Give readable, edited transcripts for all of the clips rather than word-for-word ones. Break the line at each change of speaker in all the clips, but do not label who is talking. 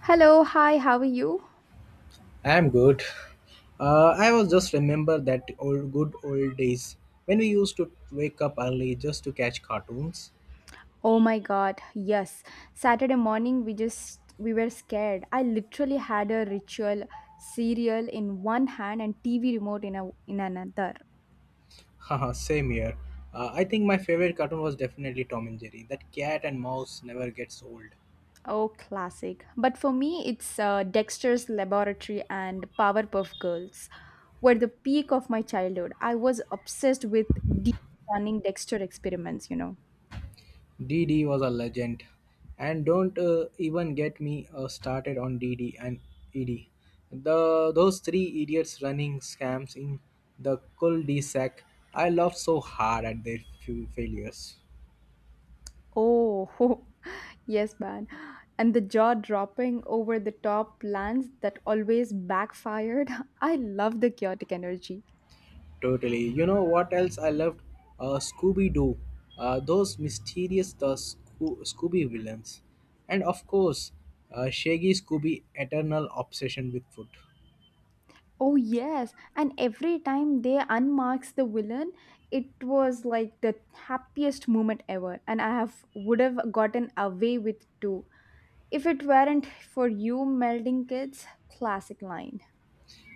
Hello, hi, how are you?
I'm good. I was just remember that old good old days when we used to wake up early just to catch cartoons.
Oh my god, yes. Saturday morning we were scared. I literally had a ritual cereal in one hand and TV remote in in another.
Haha, same here. I think my favorite cartoon was definitely Tom and Jerry. That cat and mouse never gets old.
Oh, classic. But for me it's Dexter's Laboratory and Powerpuff Girls were the peak of my childhood. I was obsessed with deep running Dexter experiments,
DD was a legend, and don't even get me started on DD and ED. The those three idiots running scams in the cul-de-sac. I laughed so hard at their few failures.
Oh, yes, man. And the jaw dropping over the top plans that always backfired. I love the chaotic energy.
Totally. You know what else I loved? Scooby Doo. Those mysterious the Sco- Scooby villains. And of course, Shaggy Scooby eternal obsession with food.
Oh, yes. And every time they unmarks the villain, it was like the happiest moment ever. And I have would have gotten away with two if it weren't for you melding kids, classic line.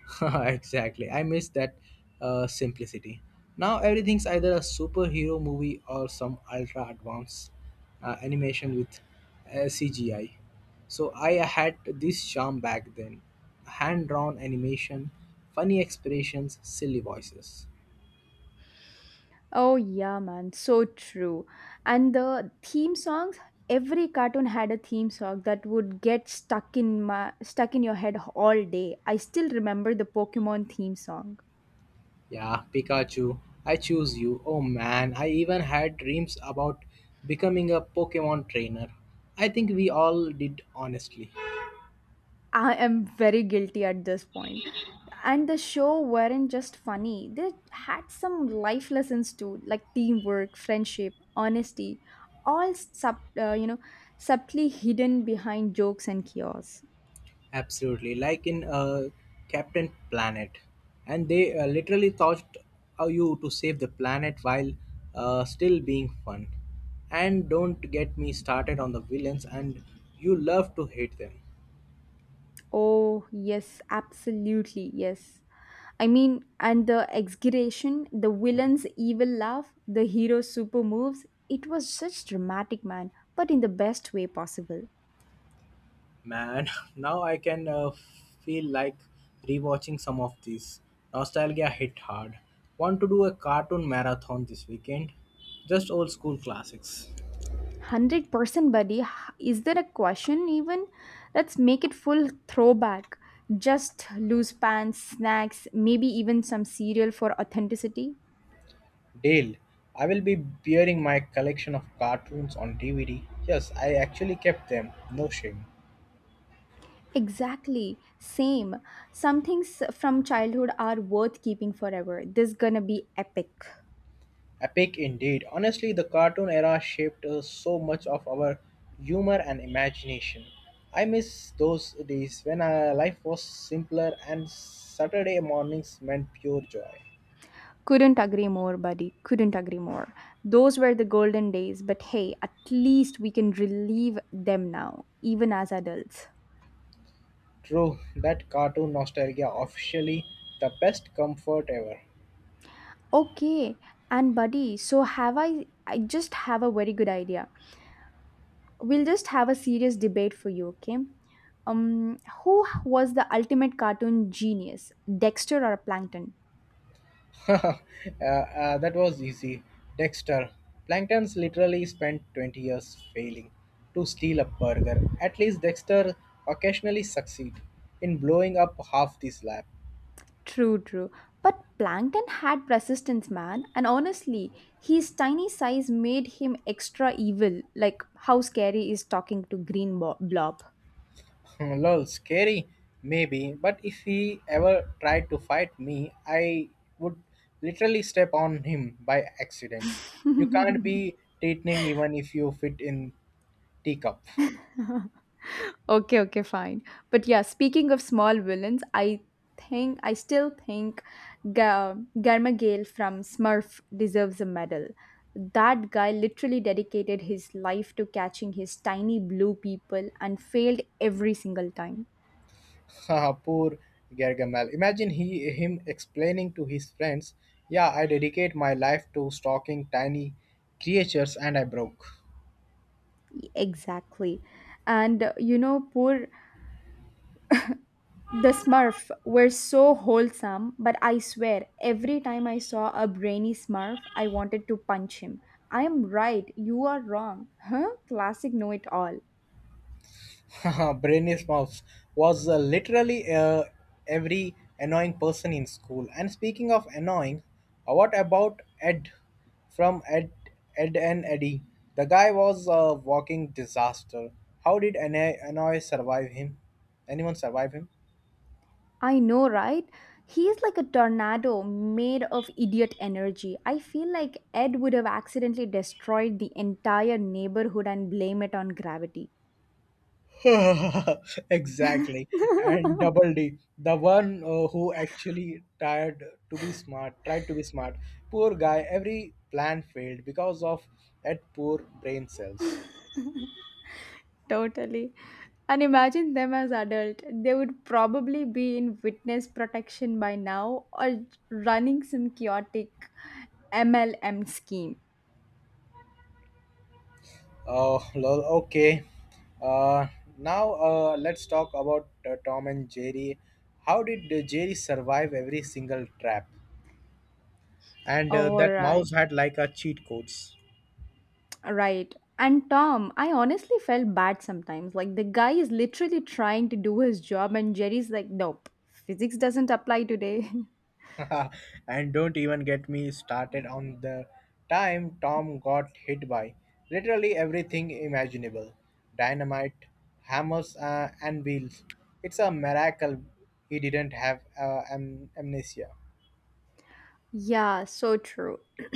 Exactly. I miss that simplicity. Now everything's either a superhero movie or some ultra advanced animation with CGI. So I had this charm back then, hand drawn animation, funny expressions, silly voices.
Oh yeah, man, so true. And the theme songs, every cartoon had a theme song that would get stuck in your head all day. I still remember the Pokemon theme song.
Yeah, Pikachu, I choose you. Oh man, I even had dreams about becoming a Pokemon trainer. I think we all did, honestly.
I am very guilty at this point. And the show weren't just funny. They had some life lessons too, like teamwork, friendship, honesty, all sub, you know, subtly hidden behind jokes and chaos.
Absolutely, like in Captain Planet. And they literally taught you to save the planet while still being fun. And don't get me started on the villains, and you love to hate them.
Oh, yes, absolutely, yes. I mean, and the exaggeration, the villain's evil laugh, the hero's super moves, it was such dramatic, man, but in the best way possible.
Man, now I can feel like rewatching some of these. Nostalgia hit hard. Want to do a cartoon marathon this weekend? Just old school classics.
100% buddy, is there a question even? Let's make it full throwback. Just loose pants, snacks, maybe even some cereal for authenticity.
Dale, I will be bearing my collection of cartoons on DVD. Yes, I actually kept them. No shame.
Exactly, same. Some things from childhood are worth keeping forever. This gonna be epic.
Epic indeed. Honestly, the cartoon era shaped so much of our humor and imagination. I miss those days when life was simpler and Saturday mornings meant pure joy.
Couldn't agree more, buddy. Couldn't agree more. Those were the golden days, but hey, at least we can relive them now, even as adults.
True, that cartoon nostalgia officially the best comfort ever.
Okay, and buddy, so have I just have a very good idea. We'll just have a serious debate for you, okay? Um who was the ultimate cartoon genius, Dexter or Plankton?
uh, that was easy. Dexter. Plankton's literally spent 20 years failing to steal a burger. At least Dexter occasionally succeed in blowing up half the slab.
True, true. But Plankton had persistence, man, and honestly, his tiny size made him extra evil, like how scary is talking to Green Blob.
Hmm, lol, scary, maybe, but if he ever tried to fight me, I would literally step on him by accident. You can't be threatening even if you fit in teacup.
Okay, okay, fine. But yeah, speaking of small villains, I still think Garmagale from Smurf deserves a medal. That guy literally dedicated his life to catching his tiny blue people and failed every single time.
Haha, poor Gargamel. Imagine he him explaining to his friends, "Yeah, I dedicate my life to stalking tiny creatures, and I broke."
Exactly. And poor the Smurf were so wholesome, but I swear, every time I saw a brainy Smurf, I wanted to punch him. I am right, you are wrong. Huh? Classic know it all.
Haha, Mouse was literally every annoying person in school. And speaking of annoying, what about Ed from Ed, Ed and Eddie? The guy was a walking disaster. How did annoy, annoy survive him? Anyone survive him?
I know, right? He is like a tornado made of idiot energy. I feel like Ed would have accidentally destroyed the entire neighborhood and blame it on gravity.
Exactly. And Double D, the one who actually tried to be smart. Poor guy, every plan failed because of that poor brain cells.
Totally. And imagine them as adult. They would probably be in witness protection by now or running some chaotic MLM scheme.
Oh, lol. Okay. Uh, now let's talk about Tom and Jerry. How did Jerry survive every single trap? And
All
that mouse
right.
had like a cheat codes.
Right. And Tom, I honestly felt bad sometimes. Like the guy is literally trying to do his job and Jerry's like, "Nope. Physics doesn't apply today."
And don't even get me started on the time Tom got hit by literally everything imaginable, dynamite, hammers, and wheels. It's a miracle he didn't have amnesia.
Yeah, so true.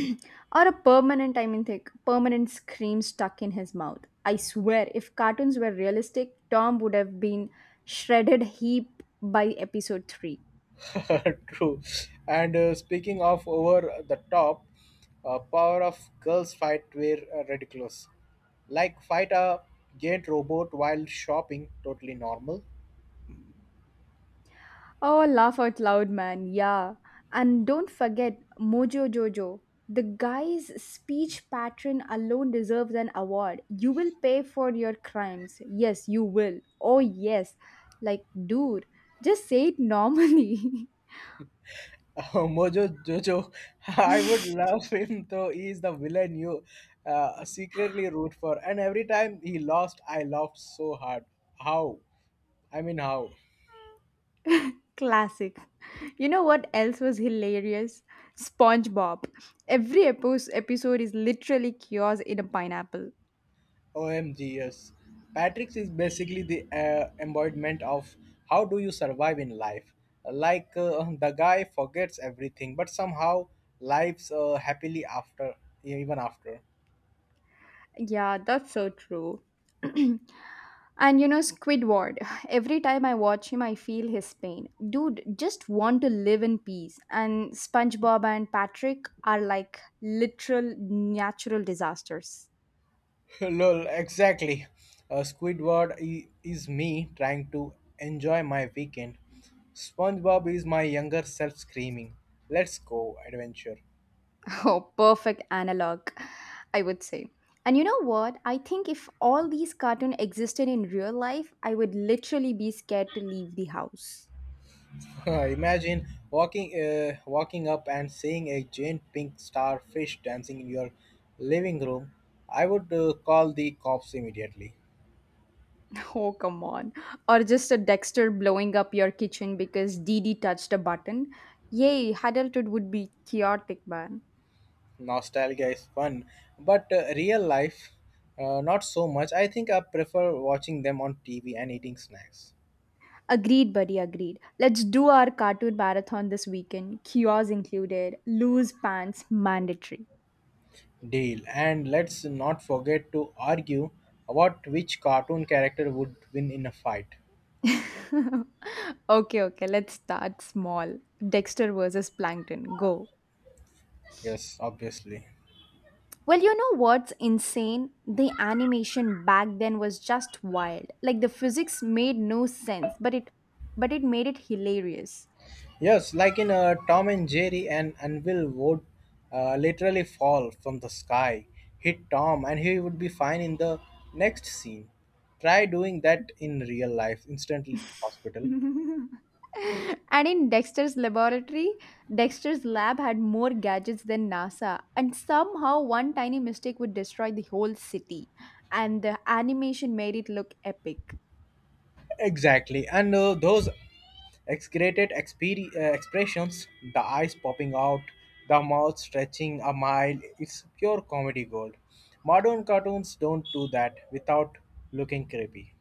Or a permanent, I mean, think permanent scream stuck in his mouth. I swear, if cartoons were realistic, Tom would have been shredded heap by episode 3.
True. And speaking of over the top, power of girls' fight were ridiculous, like fight a giant robot while shopping, totally normal.
Oh, laugh out loud, man. Yeah. And don't forget Mojo Jojo. The guy's speech pattern alone deserves an award. You will pay for your crimes. Yes, you will. Oh, yes. Like, dude, just say it normally.
Oh, Mojo Jojo, I would love him though he is the villain you secretly root for. And every time he lost, I laughed so hard. How? I mean, how?
Classic. You know what else was hilarious? SpongeBob. Every episode is literally chaos in a pineapple.
OMG, yes. Patrick's is basically the embodiment of how do you survive in life. Like the guy forgets everything, but somehow lives happily after, even after.
Yeah, that's so true. And you know, Squidward. Every time I watch him, I feel his pain. Dude, just want to live in peace. And SpongeBob and Patrick are like literal natural disasters.
Lol, exactly. Squidward is me trying to enjoy my weekend. SpongeBob is my younger self screaming, "Let's go adventure!"
Oh, perfect analog, I would say. And you know what? I think if all these cartoons existed in real life, I would literally be scared to leave the house.
Imagine walking up and seeing a giant pink starfish dancing in your living room. I would call the cops immediately.
Oh, come on. Or just a Dexter blowing up your kitchen because Dee Dee touched a button. Yay, adulthood would be chaotic, man.
Nostalgia is fun, but real life, not so much. I think I prefer watching them on TV and eating snacks.
Agreed, buddy, agreed. Let's do our cartoon marathon this weekend. Kiosks included, loose pants mandatory.
Deal. And let's not forget to argue about which cartoon character would win in a fight.
Okay, okay, let's start small. Dexter versus Plankton, go.
Yes, obviously.
Well, you know what's insane? The animation back then was just wild. Like the physics made no sense, but it made it hilarious.
Yes, like in Tom and Jerry, an anvil would literally fall from the sky, hit Tom, and he would be fine in the next scene. Try doing that in real life, instant hospital.
And in Dexter's laboratory, Dexter's lab had more gadgets than NASA, and somehow one tiny mistake would destroy the whole city. And the animation made it look epic.
Exactly. And those expressions, the eyes popping out, the mouth stretching a mile, it's pure comedy gold. Modern cartoons don't do that without looking creepy.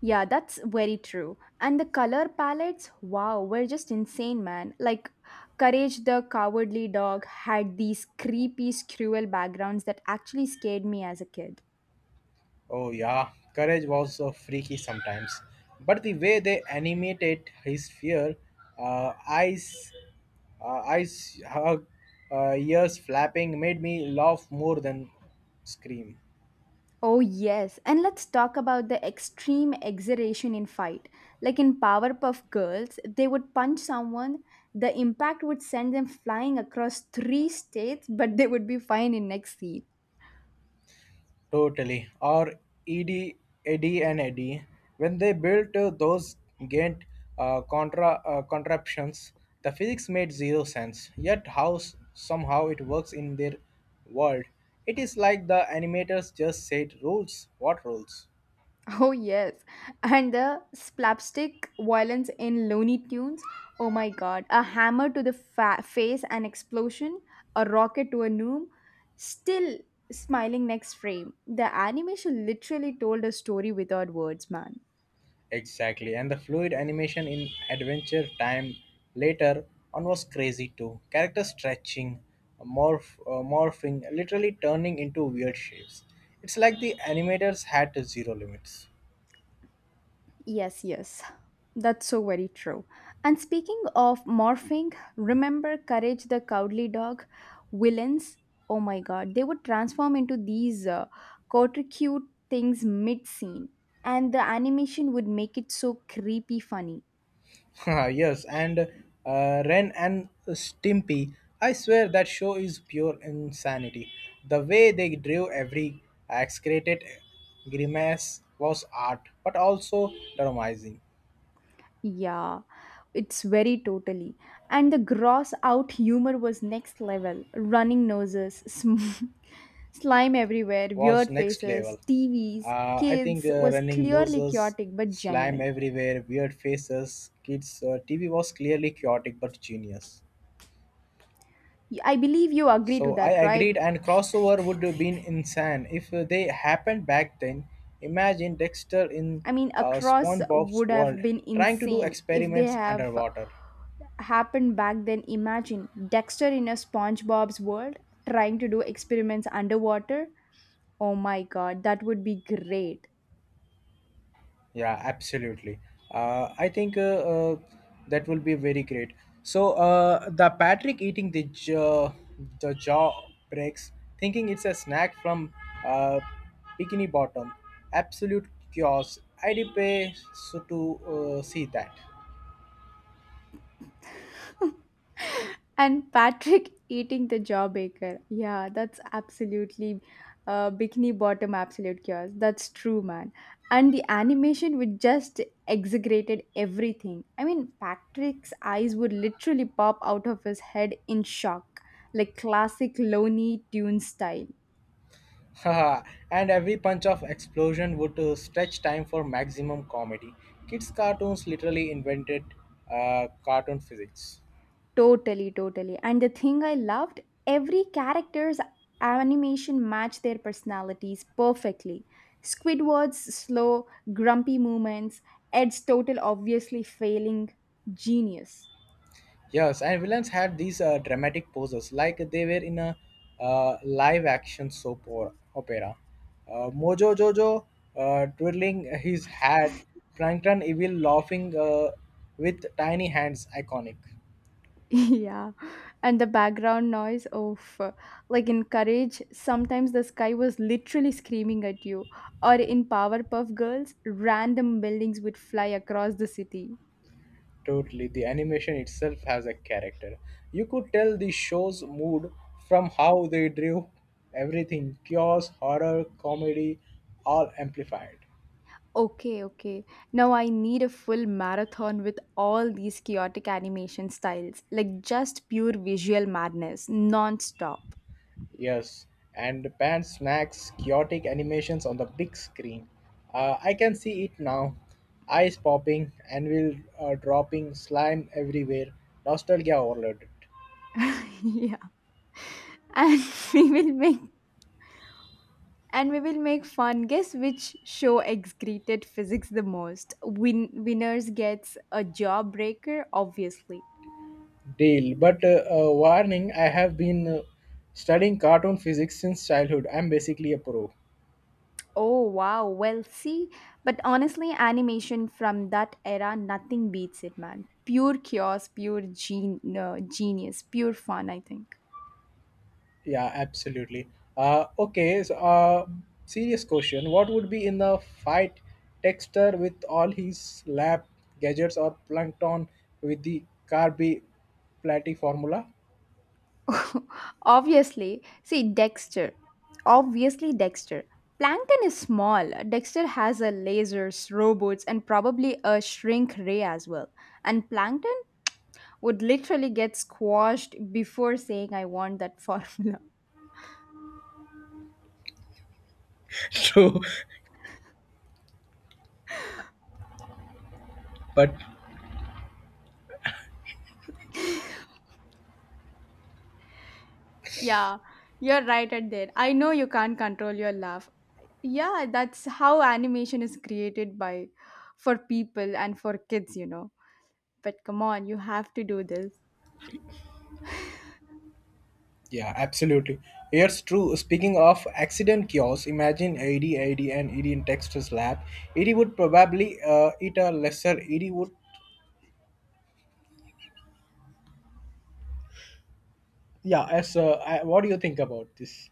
Yeah, that's very true. And the color palettes, wow, were just insane, man. Like, Courage the Cowardly Dog had these creepy, cruel backgrounds that actually scared me as a kid.
Oh, yeah, Courage was so freaky sometimes. But the way they animated his fear, eyes, uh, eyes hug, ears flapping, made me laugh more than scream.
Oh, yes. And let's talk about the extreme exaggeration in fight. Like in Powerpuff Girls, they would punch someone, the impact would send them flying across three states, but they would be fine in next scene.
Totally. Or Ed, Eddie and Eddie, when they built those Gantt contraptions, the physics made zero sense. Yet somehow it works in their world. It is like the animators just said, rules. What rules?
Oh, yes. And the slapstick violence in Looney Tunes. Oh my god. A hammer to the face, an explosion, a rocket to a noob. Still smiling next frame. The animation literally told a story without words, man.
Exactly, and the fluid animation in Adventure Time later on was crazy too. Character stretching, morphing, literally turning into weird shapes. It's like the animators had zero limits.
Yes, yes. That's so very true. And speaking of morphing, remember Courage the Cowardly Dog? Villains? Oh my god, they would transform into these cute things mid scene. And the animation would make it so creepy funny.
Yes, and Ren and Stimpy, I swear that show is pure insanity. The way they drew every excreted grimace was art, but also traumatizing.
Yeah, it's very totally. And the gross out humor was next level. Running noses, sm. Slime everywhere,
Was
weird
next
faces,
level.
TVs,
I think
kids was
running
clearly
noses,
chaotic but
slime
genuine.
everywhere, weird faces, kids. TV was clearly chaotic but genius.
Y- I believe you agree to
So I
that, right?
agreed, and crossover would have been insane if they happened back then. Imagine Dexter in
I mean, across
SpongeBob's
would
world
have been
trying to do
insane if they
experiments
have
underwater.
happened back then. Imagine Dexter in a SpongeBob's world trying to do experiments underwater. Oh my god, that would be great.
Yeah, absolutely. I think uh, that will be very great. So the Patrick eating the jaw breaks, thinking it's a snack from uh, Bikini Bottom. Absolute chaos. I did pay so to see that.
And Patrick eating the jawbreaker. Yeah, that's absolutely bikini bottom absolute chaos. That's true, man. And the animation would just exaggerated everything. I mean, Patrick's eyes would literally pop out of his head in shock, like classic Looney Tunes style.
Haha, and every punch of explosion would stretch time for maximum comedy. Kids cartoons literally invented cartoon physics.
Totally, totally. And the thing I loved, every character's animation matched their personalities perfectly. Squidward's slow, grumpy movements, Ed's total obviously failing genius.
Yes, and villains had these dramatic poses, like they were in a live-action soap or opera. Mojo Jojo twirling his hat, Plankton evil laughing with tiny hands, iconic.
Yeah. And the background noise of like in Courage, sometimes the sky was literally screaming at you. Or in Powerpuff Girls, random buildings would fly across the city.
Totally, the animation itself has a character. You could tell the show's mood from how they drew everything: chaos, horror, comedy, all amplified.
Okay, okay. Now I need a full marathon with all these chaotic animation styles, like just pure visual madness, non-stop.
Yes, and pan smacks chaotic animations on the big screen. I can see it now. Eyes popping, anvil dropping, slime everywhere. Nostalgia overloaded.
Yeah. And we will make and we will make fun. Guess which show excreted physics the most? Winners gets a jawbreaker, obviously.
Deal. But warning, I have been studying cartoon physics since childhood. I'm basically a pro.
Oh wow, well see, but honestly, animation from that era, nothing beats it, man. Pure chaos, genius, pure fun, I think.
Yeah, absolutely. Uh, okay, so uh, serious question. What would be in a fight, Texter with all his lab gadgets or plankton with the Carby Platy formula?
Obviously, see Dexter. Obviously, Dexter. Plankton is small. Dexter has a lasers, robots, and probably a shrink ray as well. And Plankton would literally get squashed before saying, I want that formula.
True, but
Yeah, you're right at that. I know you can't control your laugh. Yeah, that's how animation is created by for people and for kids, you know. But come on, you have to do this.
yeah, absolutely. Here's true. Speaking of accident cures, imagine AD, AD, and ED in Texter's lab. ED would probably eat a lesser. ED would. Yeah, as I, what do you think about this?